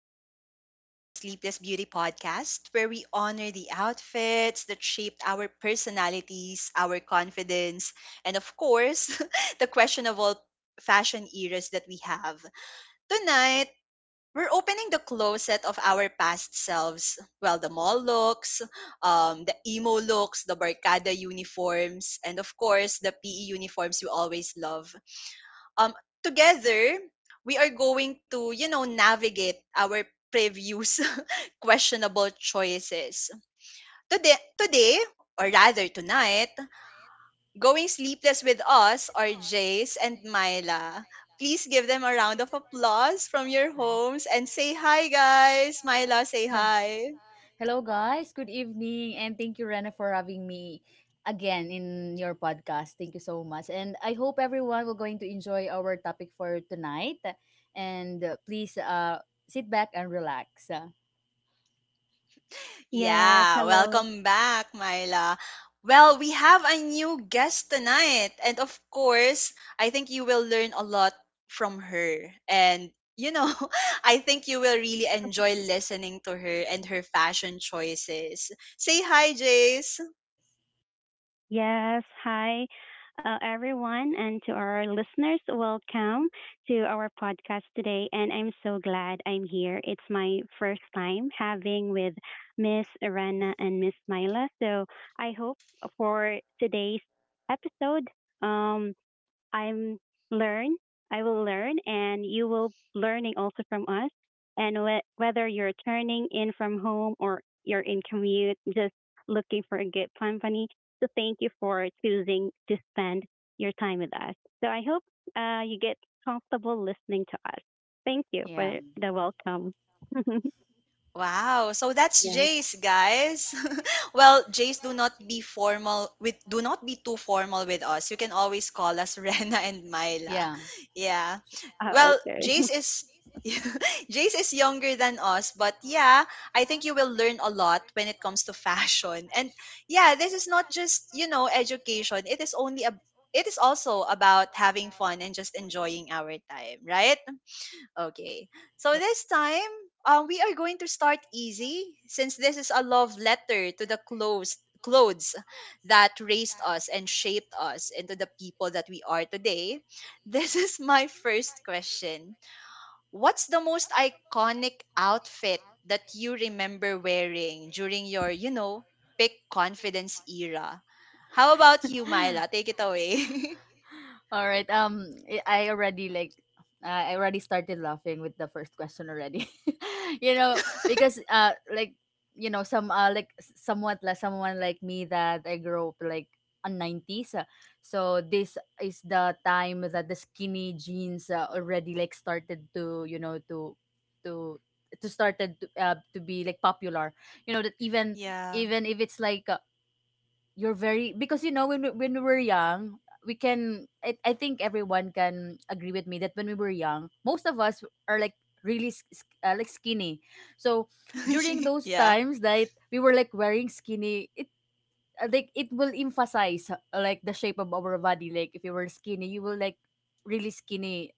Welcome back to the Sleepless Beauty podcast, where we honor the outfits that shaped our personalities, our confidence, and of course, the questionable fashion eras that we have. Tonight, we're opening the closet of our past selves. Well, the mall looks, the emo looks, the barcada uniforms, and of course, the PE uniforms we always love um together, we are going to navigate our previous questionable choices today, or rather tonight. Going sleepless with us are Jace and Myla. Please give them a round of applause from your homes and say hi, guys. Myla, say Hel- hi. Hello, guys. Good evening. And thank you, Rena, for having me again in your podcast. Thank you so much. And I hope everyone will going to enjoy our topic for tonight. And please sit back and relax. Yes, Yeah, hello. welcome back, Myla. Well, we have a new guest tonight. And of course, I think you will learn a lot from her. And, you know, I think you will really enjoy listening to her and her fashion choices. Say hi, Jace. Yes, hi, everyone, and to our listeners, welcome to our podcast today. And I'm so glad I'm here. It's my first time having with Miss Arana and Miss Myla. So I hope for today's episode, um, I'm learn. I will learn, and you will learning also from us. And whether you're turning in from home or you're in commute, just looking for a good company. So thank you for choosing to spend your time with us. So I hope you get comfortable listening to us. Thank you Yeah. for the welcome. Wow. So that's Yes. Jace, guys. Well, Jace, do not be formal with do not be too formal with us. You can always call us Rena and Myla. Yeah. Yeah. Yeah. Oh, Well, okay. Jace is Jace is younger than us, but yeah, I think you will learn a lot when it comes to fashion. And yeah, this is not just, you know, education. It is also about having fun and just enjoying our time, right? Okay. So this time, we are going to start easy since this is a love letter to the clothes that raised us and shaped us into the people that we are today. This is my first question. What's the most iconic outfit that you remember wearing during your, you know, pick confidence era? How about you, Myla? Take it away. All right. I already I already started laughing with the first question already. you know, because like some like somewhat like someone like me that I grew up like on nineties. So this is the time that the skinny jeans already like started to to to be like popular. You know that Yeah. even if it's like you're very because you know when we were young we can I think everyone can agree with me that when we were young most of us are like really like skinny so during those Yeah. times that we were like wearing skinny it like it will emphasize like the shape of our body like if you were skinny you will like really skinny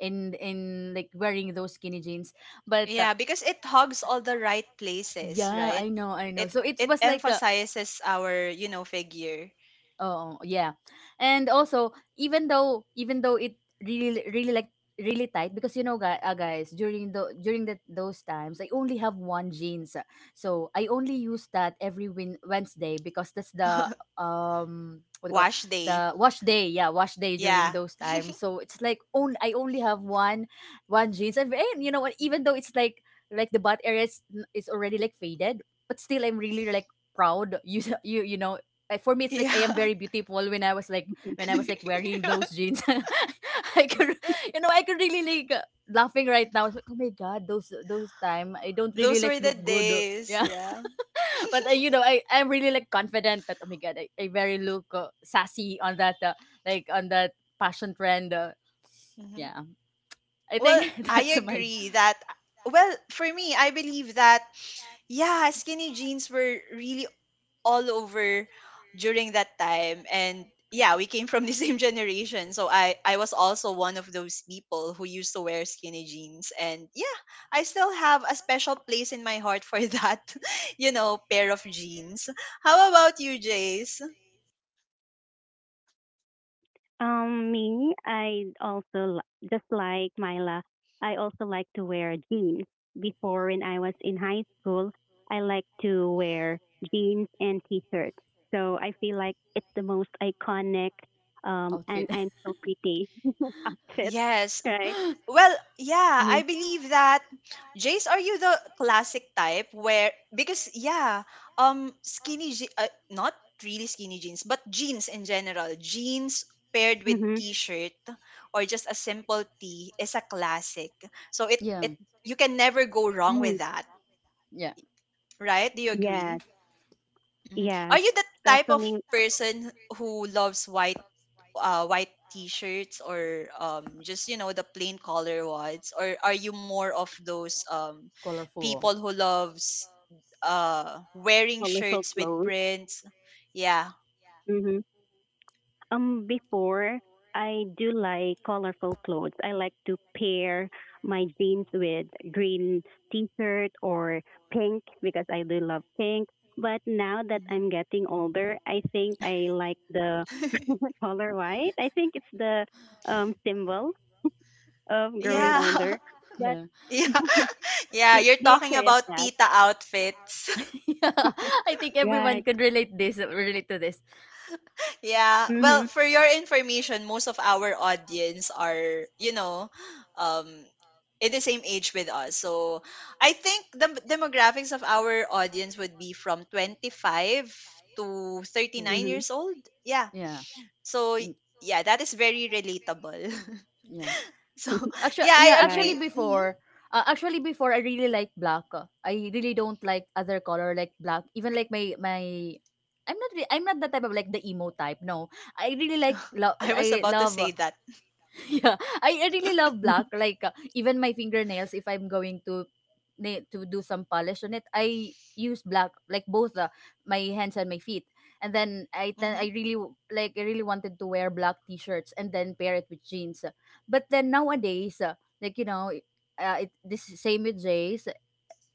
in like wearing those skinny jeans but Yeah, because it hugs all the right places, yeah, right? I know, I know, It so it was like a. emphasizes our, you know, figure. Oh, yeah. And also, even though it really really like really tight because you know guys, guys during those times I only have one jeans. So I only use that every Wednesday because that's the what do you call Wash day. the wash day. Yeah, wash day during Yeah. those times. So it's like only I only have one jeans and you know what even though it's like the butt area is already like faded, but still I'm really like proud. you s- you know like for me it's like I am Yeah. very beautiful when I was like when I was like wearing those jeans. I could you know I could really like laughing right now. I was like, oh my god, those time I don't really Those like were the look good. days. Yeah. Yeah. But you know I'm really like confident. But oh my god, I very look sassy on that like on that fashion trend. Hmm Yeah. I Well, think I that's my agree that for me, I believe that yeah, skinny jeans were really all over during that time. And yeah, we came from the same generation, so I was also one of those people who used to wear skinny jeans. And yeah, I still have a special place in my heart for that, you know, pair of jeans. How about you, Jace? Me, I also just like Myla. I also like to wear jeans. Before, when I was in high school, I like to wear jeans and t-shirts. So I feel like it's the most iconic, and outfit. I'm so pretty outfit, Yes. right? Well, yeah, Mm-hmm. I believe that. Jace, are you the classic type where because yeah, not really skinny jeans, but jeans in general, jeans paired with t-shirt or just a simple tee is a classic. So it Yeah. it you can never go wrong Mm-hmm. with that, Yeah. right? Do you agree? Yes, Mhm. Are yes, you the type of especially person who loves white white t-shirts, or just, you know, the plain color ones? Or are you more of those Colorful. people who loves wearing colorful shirts with clothes. prints? Yeah. Mm-hmm. Before I do like colorful clothes. I like to pair my jeans with green t-shirt or pink because I do love pink. But now that Mhm. I'm getting older, I think I like the color white. I think it's the symbol of Yeah. growing Yeah. older. But Yeah. Yeah. Yeah, you're the talking experience about that tita outfits. yeah. I think everyone right. could relate to this. Yeah. Well, Mhm. for your information, most of our audience are, you know, um, in the same age with us. So I think the demographics of our audience would be from 25 to To 39 Mhm. years old. Yeah. yeah. So, Mm. yeah, that is very relatable. Yeah. So, Actually, yeah, yeah, I right. agree. Actually before I really like black. I really don't like other color like black. Even like my I'm not the type of like the emo type. No. I really I was I about to love say that. yeah, I really love black like even my fingernails if I'm going to to do some polish on it I use black like both my hands and my feet and then i then Mm-hmm. i really like I really wanted to wear black t-shirts and then pair it with jeans but then nowadays like you know this is same with Jay.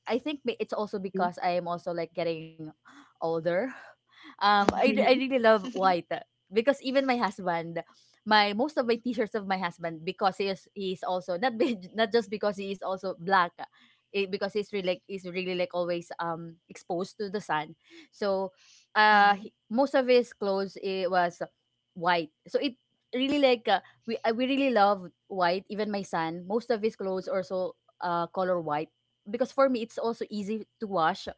I think it's also because I am also like getting older. I really Mm-hmm. love white because even my husband, my most of my t-shirts of my husband because he's also not be, not just because he is also black, eh, because he's really like always exposed to the sun. So, Mm-hmm. Most of his clothes it was white. So it really like we really love white. Even my son, most of his clothes also color white because for me it's also easy to wash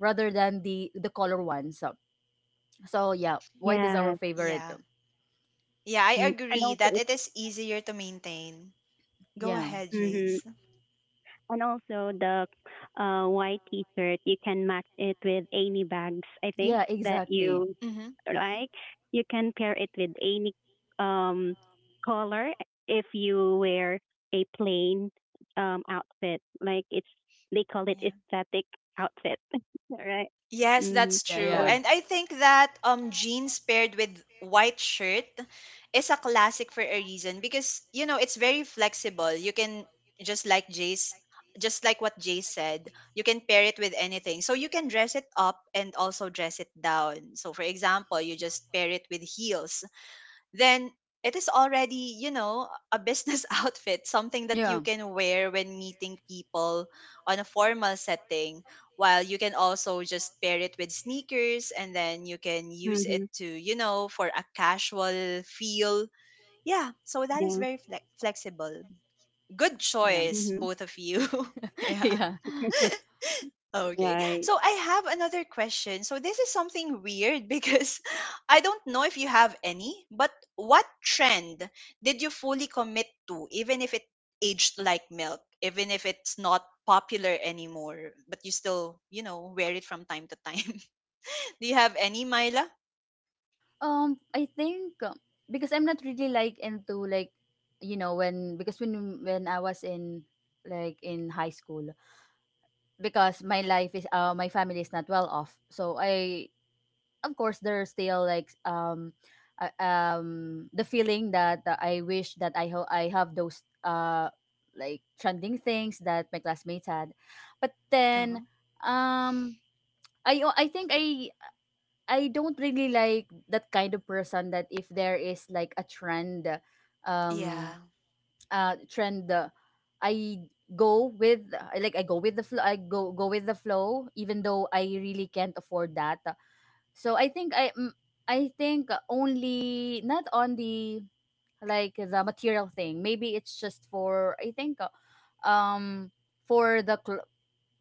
rather than the color ones. So yeah, white is our yes. favorite. Yeah. Yeah, I Mm. And agree also that it's it is easier to maintain. Go Yeah. ahead, mhm. Jace. And also the white T-shirt, you can match it with any bags. I think Yeah, that exactly. you Mm-hmm. like. You can pair it with any um color if you wear a plain outfit. Like it's they call it Yeah. aesthetic outfit, right? Yes, Mm-hmm. that's Yeah, true. So, yeah. And I think that jeans paired with white shirt is a classic for a reason because you know it's very flexible. You can just like Jay's just like what Jay said, you can pair it with anything. So you can dress it up and also dress it down. So for example, you just pair it with heels, then it is already, you know, a business outfit, something that you Yeah. can wear when meeting people on a formal setting. While you can also just pair it with sneakers and then you can use it mm-hmm. to, you know, for a casual feel. Yeah, so that is Yeah. very flexible. Good Yeah. choice, Mm-hmm. both of you. Yeah. yeah. Okay. Right. So I have another question. So this is something weird because I don't know if you have any, but what trend did you fully commit to, even if it aged like milk, even if it's not popular anymore, but you still, you know, wear it from time to time? Do you have any, Myla? I think because I'm not really like into like you know when because when I was in like in high school, because my family is not well off so I of course there's still like the feeling that I wish that I have those like trending things that my classmates had but Uh-huh. then um I think I don't really like that kind of person that if there is like a trend um Yeah, uh trend uh, i I go with the flow, I go go with the flow, even though I really can't afford that. So I think only not on the like the material thing maybe it's just for I think um for the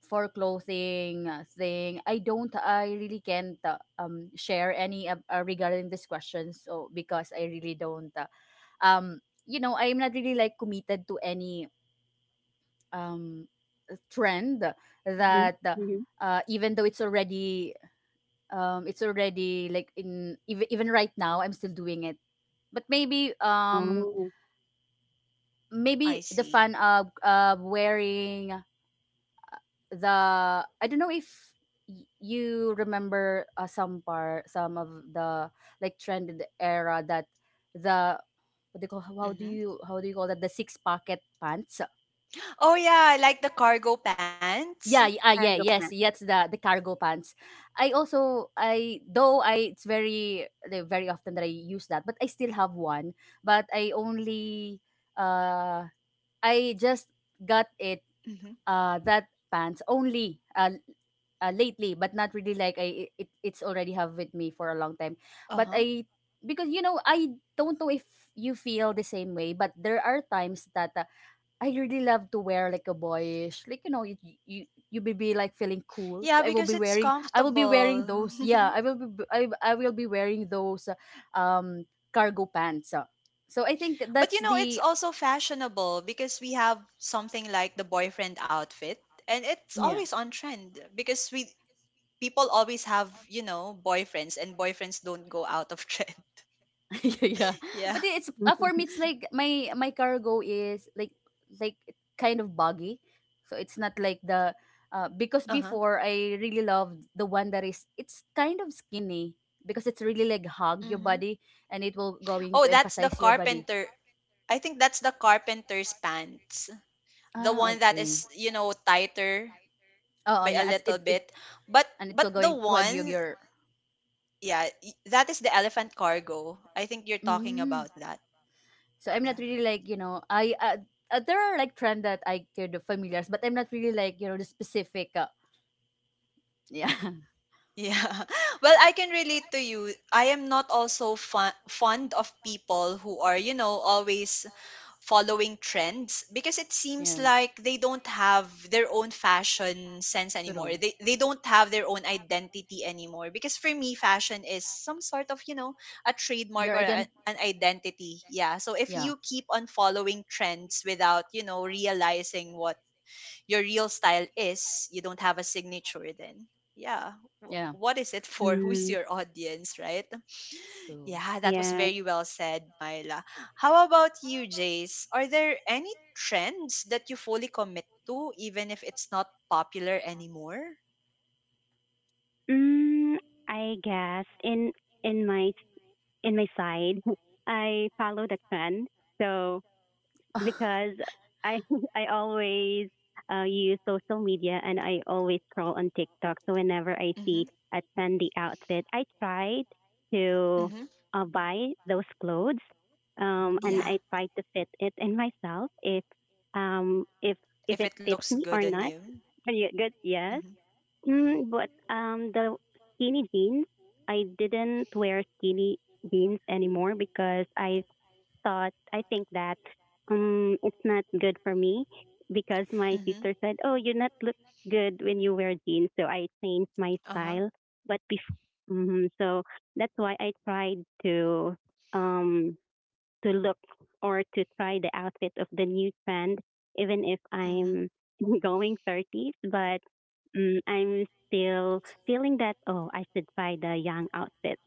for clothing thing I don't I really can't share any regarding this question so because I really don't um you know I'm not really like committed to any um trend Mm-hmm. that Mm-hmm. Even though it's already like in even even right now I'm still doing it but maybe Oh, I maybe the see. fun of wearing the. I don't know if you remember some part, some of the like trended era that the what do you call, Mm-hmm. How do you call that, the six pocket pants? Oh yeah, like the cargo pants. Cargo yes, pants. yes, the cargo pants. I also I though I it's very like, very often that I use that but I still have one but I only uh I just got it Mm-hmm. That pants only lately but not really like I it, it's already have with me for a long time but Uh-huh. I because you know I don't know if you feel the same way but there are times that I really love to wear like a boyish, like you know you you will be like feeling cool, Yeah, so because it's I will be wearing comfortable. those. Yeah, I will be, I will be wearing those cargo pants. So I think But that's you know, it's the also fashionable because we have something like the boyfriend outfit, and it's yeah. always on trend because we people always have, you know, boyfriends, and boyfriends don't go out of trend. Yeah, yeah. Yeah. But it's for me, it's like my cargo is like kind of buggy, so it's not like the because Uh huh. before I really loved the one that is it's kind of skinny because it's really like hug your Mm-hmm. body and it will going Oh, to that's the emphasize your body. carpenter. I think that's the carpenter's pants, the Ah, one that okay. is, you know, tighter Oh, oh, by a yeah. Little It bit, and it but will the going to hug your one your. yeah, that is the elephant cargo. I think you're talking Mm. about that. So I'm not Yeah. really like you know I there are like trend that I could familiar, but I'm not really like you know the specific. Yeah, Yeah. Well, I can relate to you. I am not also fond of people who are, you know, always following trends because it seems yeah, like they don't have their own fashion sense anymore. true. They don't have their own identity anymore because for me fashion is some sort of, you know, a Your trademark or ident an identity. Yeah. So if yeah, you keep on following trends without, you know, realizing what your real style is, you don't have a signature then. Yeah. Yeah, What is it for? Who's mm. your audience, right? true. Yeah, that was Yeah. very well said, Myla. How about you, Jace? Are there any trends that you fully commit to, even if it's not popular anymore? Mm, I guess in in my in my side, I follow the trend. So because I I always use social media and I always scroll on TikTok. So whenever I Mm-hmm. see a trendy outfit, I try to Mm-hmm. Buy those clothes, and Mm. Yeah. I try to fit it in myself if um if if If it it fits looks me good or on not. you. Are you good? Yes. Mm-hmm. Mm, but the skinny jeans, I didn't wear skinny jeans anymore because I think that it's not good for me because my Mm-hmm. sister said, "Oh, you not look good when you wear jeans." So I changed my Uh-huh. style. But before, so that's why I tried um to look or to try the outfit of the new trend, even if Mm-hmm. I'm going 30s, but I'm still feeling that, oh, I should try the young outfit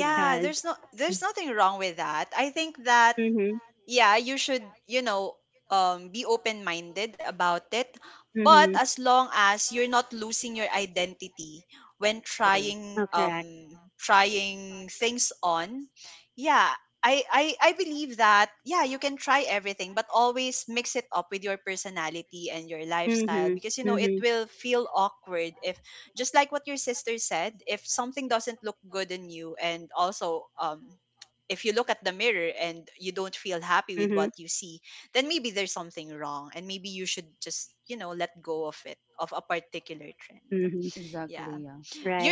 Yeah, there's there's nothing wrong with that. I think that mm-hmm, yeah, you should, you know, be open minded about it. But mm-hmm, as long as you're not losing your identity when true. trying oh, correct. Trying things on, yeah, I believe that yeah, you can try everything, but always mix it up with your personality and your lifestyle Mm-hmm, because you know it mm-hmm, will feel awkward if just like what your sister said, if something doesn't look good in you, and also if you look at the mirror and you don't feel happy with mm-hmm, what you see, then maybe there's something wrong and maybe you should just, you know, let go of it, of a particular trend. mm-hmm, Yeah. Exactly, yeah.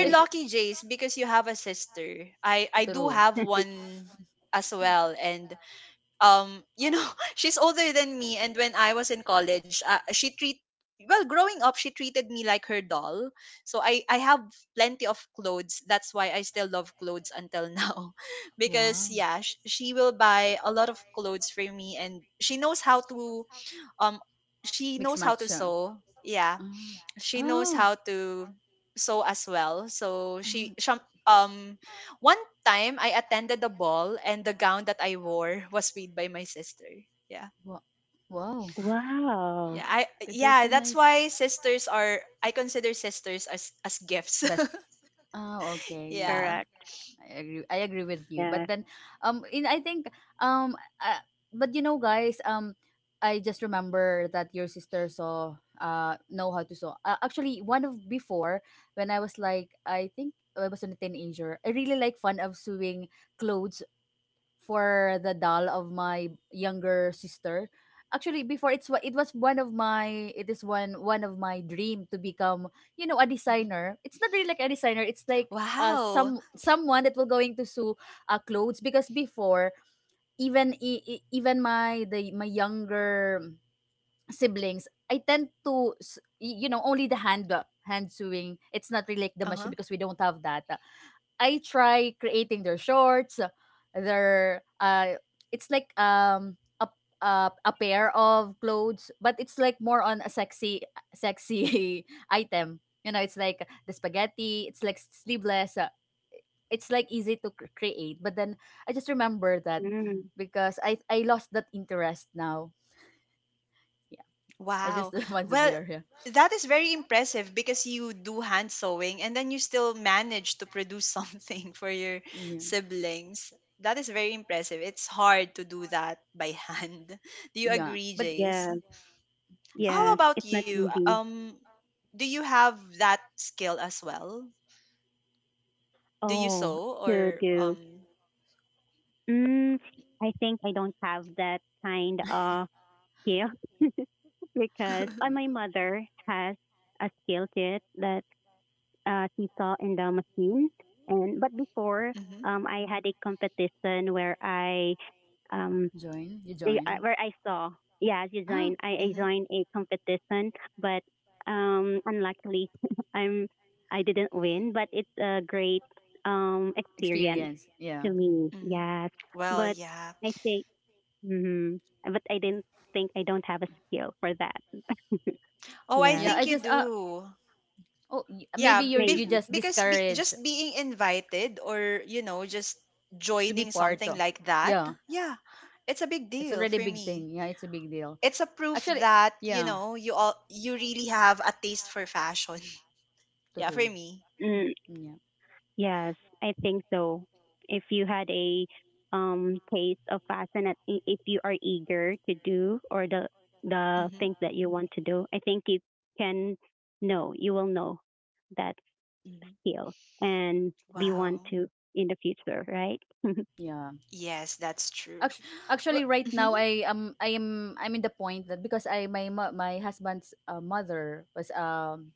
So it's lucky, Jace, because you have a sister. I do true. have one as well. And um, you know, she's older than me, and when I was in college, she treat, well, growing up she treated me like her doll. So I have plenty of clothes. That's why I still love clothes until now. Because Wow. yeah, she will buy a lot of clothes for me, and she knows how to um she knows Mixed how to matcha. sew, yeah. Oh. She knows Oh. how Mm, to sew as well. So Oh. she um, one time I attended the ball, and the gown that I wore was made by my sister. Yeah. Wow. Wow. wow. Yeah, I It was yeah, a that's nice why sisters are, I consider sisters as gifts. best. Oh, okay, yeah. Yeah. Correct. I agree. I agree with you. But Yes. then, in I think, um, uh, but you know, guys, I just remember that your sister saw, know how to sew. Actually, one of before when I was like, I think I was a teenager. I really like fun of sewing clothes for the doll of my younger sister. Actually, before it was one of my it is one one of my dream to become you know a Mm-hmm. designer. It's not really like a designer. It's like Wow. some someone that will going to sew clothes because before even my younger siblings I tend to you know only the hand hand sewing. It's not really like the machine Uh-huh. because we don't have that. I try creating their shorts, their it's like a pair of clothes, but it's like more on a sexy item. You know, it's like the spaghetti, it's like sleeveless. It's like easy to create, but then I just remember that Mm, because I lost that interest now. Yeah. I just Wow. want to Well, share, yeah. that is very impressive because you do hand sewing and then you still manage to produce something for your Yeah. siblings. That is very impressive. It's hard to do that by hand. Do you Yeah. agree, But Jace? yes. How Yes. exactly. about It's not you? Easy. Do you have that skill as well? Do you Oh, sew, to or do um? mm, I think I don't have that kind of skill because my mother has a skill kit that she saw in the machine. And but before, Mm-hmm, I had a competition where I um Join? You join? where I saw yeah Ah, design I mm-hmm, joined a competition, but unluckily I'm I didn't win, but it's a great experience experience. Yeah. to me. mm-hmm. Yes, Well, but yeah. I think hmm But I didn't think I don't have a skill for that. Oh, I Yeah, Yes, think I you just uh do. oh, Yeah, maybe you're you maybe. just because discourage just being invited, or you know, just to be joining part something of. like that, Yeah. yeah, it's a big It's deal already a for big me. thing. Yeah, it's a big deal. It's a proof Actually, that you yeah. know, you all, you really have a taste for fashion. Yeah, for True. me. Mm, Yeah. yes, I think so. If you had a taste of passion, and if you are eager to do or the hmm things that you want to do, I think you can know you will know that hmm skill and be one wow. to in the future, right? Yeah. Yes, that's true. Actu- actually right Mhm. now I'm in the point that because my husband's mother was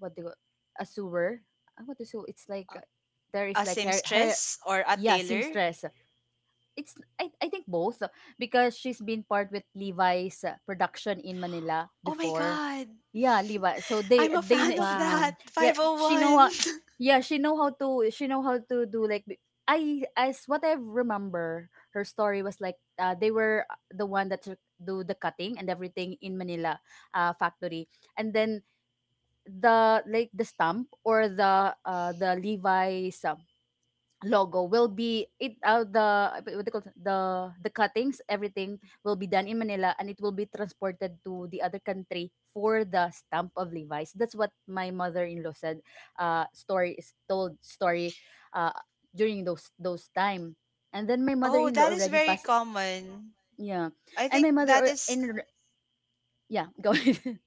what do you, a sewer. What is sew- it's like A there is like her. seamstress or a Yeah, tailor. seamstress. It's I think both because she's been part with Levi's production in Manila Oh my before. god. Yeah, Levi, so I'm a they fan of she, that wow. yeah, 501. she know Oh, how. one. Yeah, she know how to. She know how to do like. I as what I remember, her story was like they were the one that do the cutting and everything in Manila, factory, and then the like the stump or the Levi's logo will be it the what they call it? The cuttings everything will be done in Manila, and it will be transported to the other country for the stamp of Levi's. That's what my mother-in-law said. Story is told story, uh, during those time, and then my Oh, mother-in-law that is already very passed. common. Yeah, I and my think mother that or is in yeah go ahead.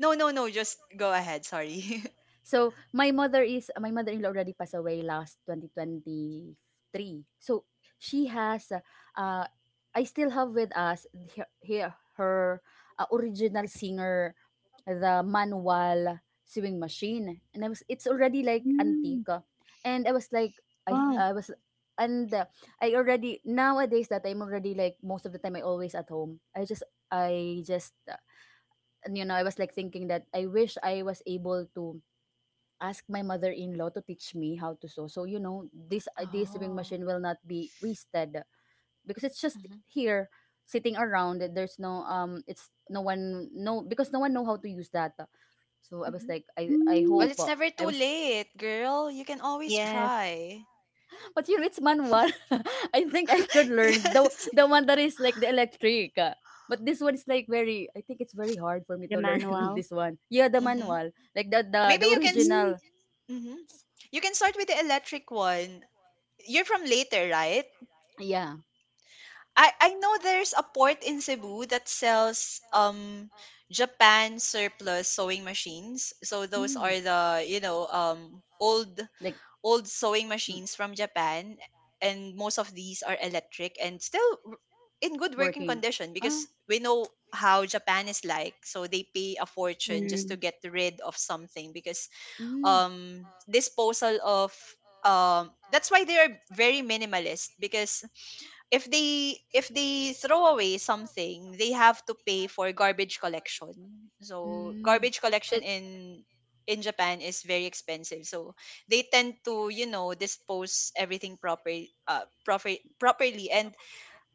no, no, no. Just go ahead. Sorry. So, my mother-in-law already passed away last 2023. So, she has uh, I still have with us her, original singer, the manual sewing machine. And I was it's already like Mm, antique. And I was like I Mm-hmm. wow. I was and I already nowadays that I'm already like most of the time I always at home. I just You know, I was like thinking that I wish I was able to ask my mother-in-law to teach me how to sew. So, you know, this sewing Oh. machine will not be wasted because it's just hmm here sitting around. There's no it's no one no because no one know how to use that. So I Mm-hmm. was like I Well, Mm, hope it's never I too was late, girl. You can always yes, try. but you know, it's manual. I think I could learn the Yes. the one that is like the electric. But this one is like very I think it's very hard for me the to learn manual. this one. Yeah, the Mm-hmm. manual. Like Maybe the you can. S original. hmm You can start with the electric one. You're from later, right? Yeah. I know there's a port in Cebu that sells Japan surplus sewing machines. So those Mm. are the, you know, um, Like old sewing mm, machines from Japan, and most of these are electric and still in good working working. condition Ah, because we know how Japan is like. So they pay a fortune just Mm. to get rid of something because mm, disposal of that's why they are very minimalist because if they throw away something, they have to pay for garbage collection. So mm. garbage collection So it- in Japan is very expensive. So they tend to, you know, dispose everything uh proper properly, and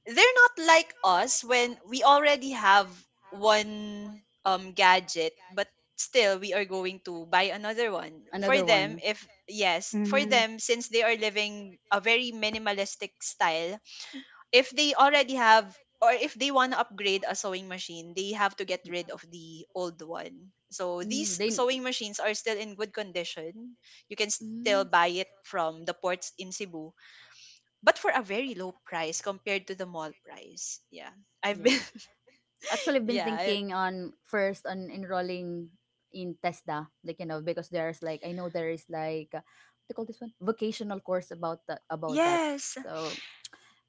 they're not like us when we already have one gadget but still we are going to buy another one. For another them, one. if yes for Mhm. them, since they are living a very minimalistic style, if they already have or if they want to upgrade a sewing machine, they have to get rid of the old one. So Mm, these they. sewing machines are still in good condition. You can still Mm, buy it from the ports in Cebu, but for a very low price compared to the mall price. Yeah. I've yeah. been Actually I've been yeah, I- thinking on first on enrolling in TESDA, like you know, because there's like I know there is like what do you call this one vocational course about that. yes. So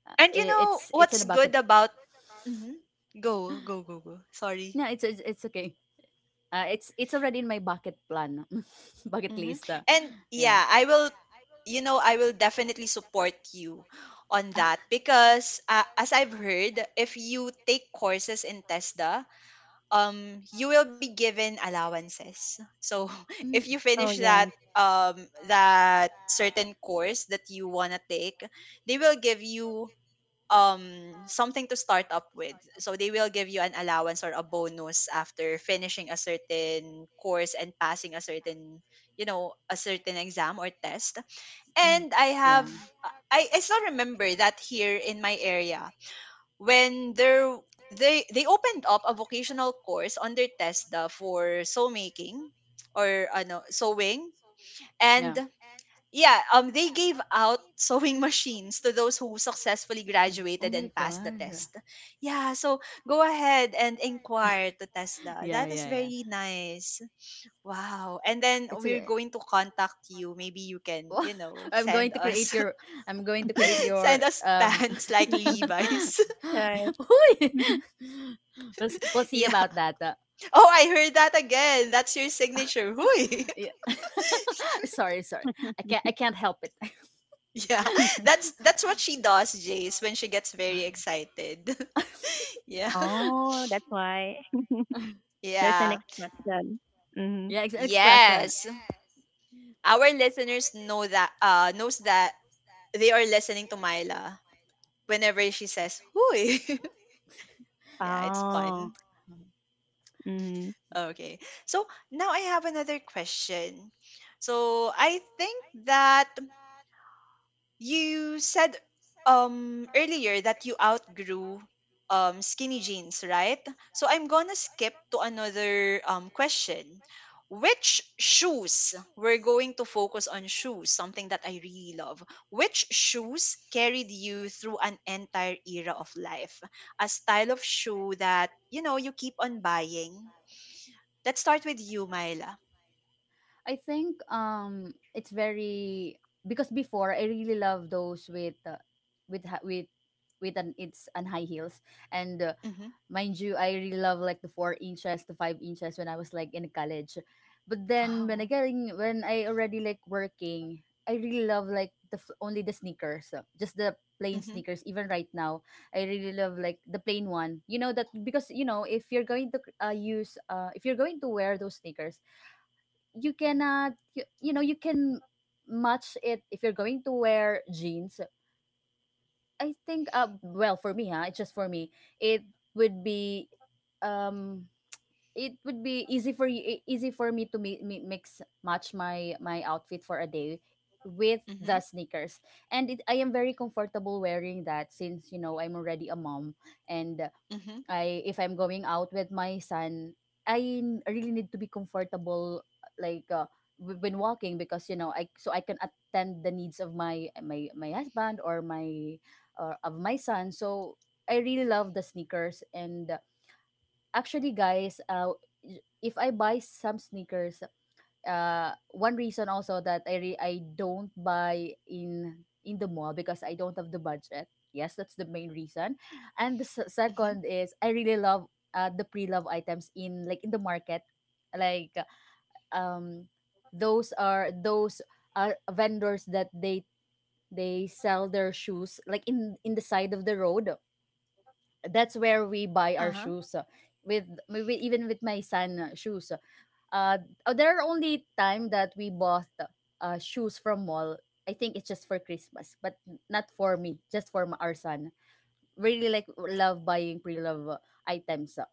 And you it, know it's in what's a bucket. good about. Mhm. Go, go, go, go. Sorry. No, it's okay. It's already in my bucket plan, bucket Mhm. list. And Yeah. yeah, I will, you know, I will definitely support you on that because as I've heard, if you take courses in TESDA, you will be given allowances. So if Mm, you Oh, finish that yeah. um that certain course that you wanna take, they will give you something to start up with, so they will give you an allowance or a bonus after finishing a certain course and passing a certain, you know, a certain exam or test. mm, And I yeah. have I still remember that here in my area, when there they opened up a vocational course on their TESDA for sew making or ano sewing. And Yeah. yeah, they gave out sewing machines to those who successfully Hmm. Oh graduated my and passed the god. test. Yeah, so go ahead and inquire to Tesla. Yeah, That is yeah, yeah. very nice. Wow. And then It's we're a going to contact you. Maybe you can, you know, I'm going send to create us your I'm going to create send your us pants like Levi's. Right. Uy! We'll see Yeah. about that. Oh, I heard that again. That's your signature. Hui. Yeah. Sorry, sorry. I can't help it. Yeah. That's what she does, Jace, when she gets very excited. Yeah. Oh, that's why. There's a Yeah. next question. Mm-hmm. Yeah, expression. Yes, our listeners know that knows that they are listening to Myla whenever she says "Hui." Yeah, it's Oh. fun. Um, Mm-hmm. yeah. Okay, so now I have another question. So I think that you said earlier that you outgrew skinny jeans, right? So I'm gonna skip to another question. Which shoes? We're going to focus on shoes, something that I really love. Which shoes carried you through an entire era of life? A style of shoe that, you know, you keep on buying. Let's start with you, Myla. I think it's very because before I really love those with with ha- with with an it's and high heels and Mm-hmm. mind you I really love like the 4 inches to 5 inches when I was like in college, but then when I Wow. getting when I already like working I really love like the only the sneakers, just the plain Mm-hmm. sneakers even right now. I really love like the plain one, you know, that because you know if you're going to use if you're going to wear those sneakers you cannot you know you can match it if you're going to wear jeans. I think well for me huh it's just for me it would be um it would be easy for you easy for me to mix match my outfit for a day with Mm-hmm. the sneakers, and it, I am very comfortable wearing that since you know I'm already a mom. And Mm-hmm. I if I'm going out with my son, I really need to be comfortable like when walking because you know I so I can attend the needs of my husband or my or of my son. So I really love the sneakers and actually guys, if I buy some sneakers one reason also that I don't buy in the mall because I don't have the budget. Yes, that's the main reason. And the Mm-hmm. second is I really love the pre-love items in like in the market. Like um those are vendors that they sell their shoes like in the side of the road. That's where we buy our Uh-huh. shoes, with even with my son shoes. Uh, oh, there are only time that we bought shoes from mall. I think it's just for Christmas, but not for me, just for my, our son. Really like love buying pre-love items.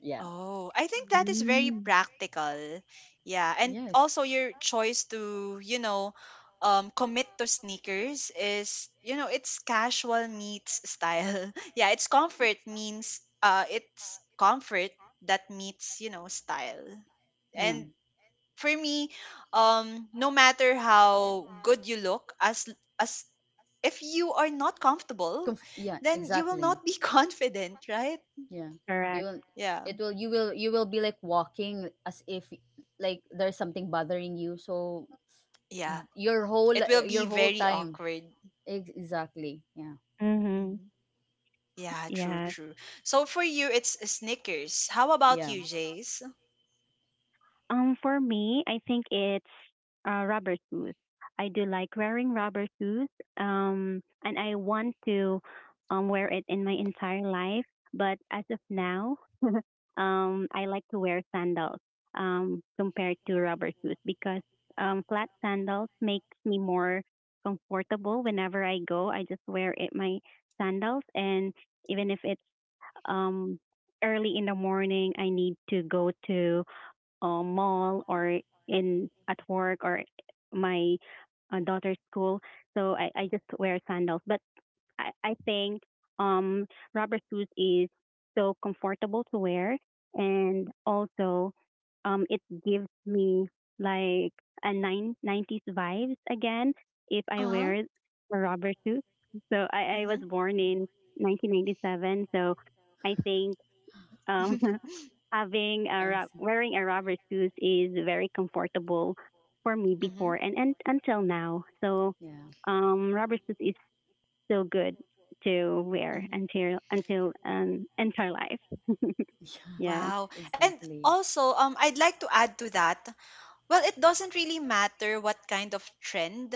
Yeah. Oh, I think that is very Mm. practical. Yeah, and Yes. also your choice to, you know, commit to sneakers is, you know, it's casual meets style. Yeah, it's comfort means it's comfort that meets, you know, style. Yeah. And for me, no matter how good you look, as if you are not comfortable, Yeah. then you will Exactly. not be confident, right? Yeah. You Correct. will Yeah. it will you will be like walking as if like there's something bothering you. So Yeah. your whole It will your be whole very time awkward. Exactly. Yeah. Mm-hmm. Mhm. Yeah, true, Yes. true. So for you, it's Snickers. How about Yeah. you, Jace? For me, I think it's rubber shoes. I do like wearing rubber shoes, and I want to wear it in my entire life. But as of now, I like to wear sandals compared to rubber shoes because flat sandals makes me more comfortable whenever I go. I just wear it my sandals, and even if it's um, early in the morning, I need to go to mall or in at work or my daughter's school. So I just wear sandals. But I think um, rubber shoes is so comfortable to wear, and also it gives me like a nine nineties vibes again if I Uh wear huh. a rubber shoe. So I was born in 1997, so I think um, having a I see. wearing a rubber shoes is very comfortable for me before Mm-hmm. And until now. So Yeah. Rubber shoes is still good to wear Mm-hmm. Until entire life. Yeah. Yes. Wow. And Exactly. also, I'd like to add to that. Well, it doesn't really matter what kind of trend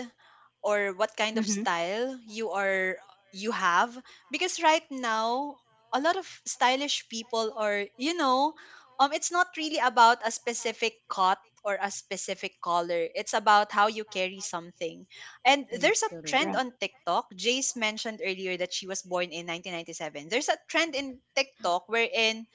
or what kind of Mm-hmm. style you have, because right now a lot of stylish people are, you know, it's not really about a specific cut or a specific color. It's about how you carry something. And It's there's a true. trend Right. on TikTok. Jace mentioned earlier that she was born in 1997. There's a trend in TikTok wherein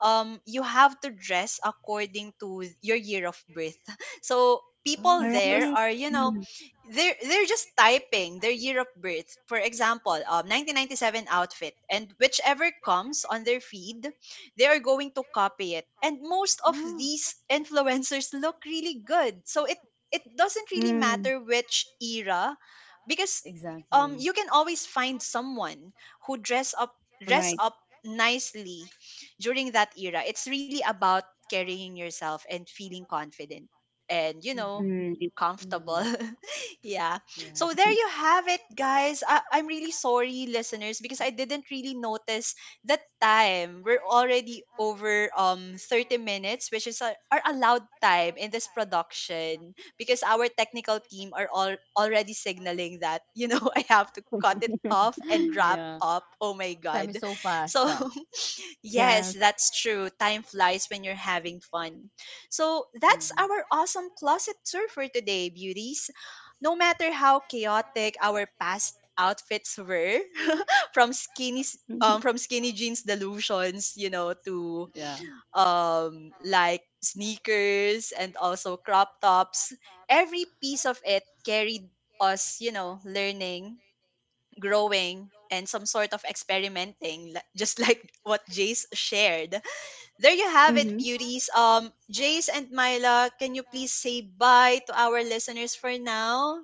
you have to dress according to your year of birth. So people All Oh, I there was. right. are, you know, Mm. they're just typing their year of birth, for example, 1997 outfit, and whichever comes on their feed they are going to copy it, and most of Oh, these influencers look really good. So it doesn't really Mm. matter which era, because exactly. Exactly. you can always find someone who dress up dress Right. up nicely during that era. It's really about carrying yourself and feeling confident and, you know, Mm. comfortable. Mm-hmm. Yeah. Yeah. So there you have it, guys. I'm really sorry, listeners, because I didn't really notice the time. We're already over 30 minutes, which is our allowed time in this production, because our technical team are all already signaling that, you know, I have to cut it off and wrap yeah. up. Oh my God. Time is so fast. So yes, yes. that's true. Time flies when you're having fun. So that's Mhm. our awesome closet tour for today, beauties. No matter how chaotic our past outfits were, from Mm-hmm. From skinny jeans delusions, you know, to Yeah. Like sneakers and also crop tops, every piece of it carried us, you know, learning, growing, and some sort of experimenting, just like what Jace shared. There you have Yeah. it, Mm-hmm. beauties. Jace and Myla, can you please say bye to our listeners for now?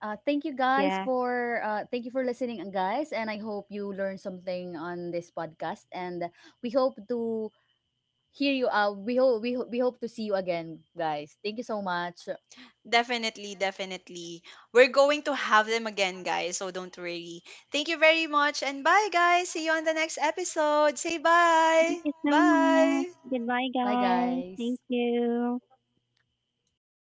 Thank you guys Yeah. for thank you for listening, guys, and I hope you learned something on this podcast. And we hope to hear you. We hope we hope to see you again, guys. Thank you so much. Definitely, definitely. We're going to have them again, guys, so don't worry. Thank you very much, and bye, guys. See you on the next episode. Say Thank bye. you so much. Bye. Goodbye, guys. Thank you.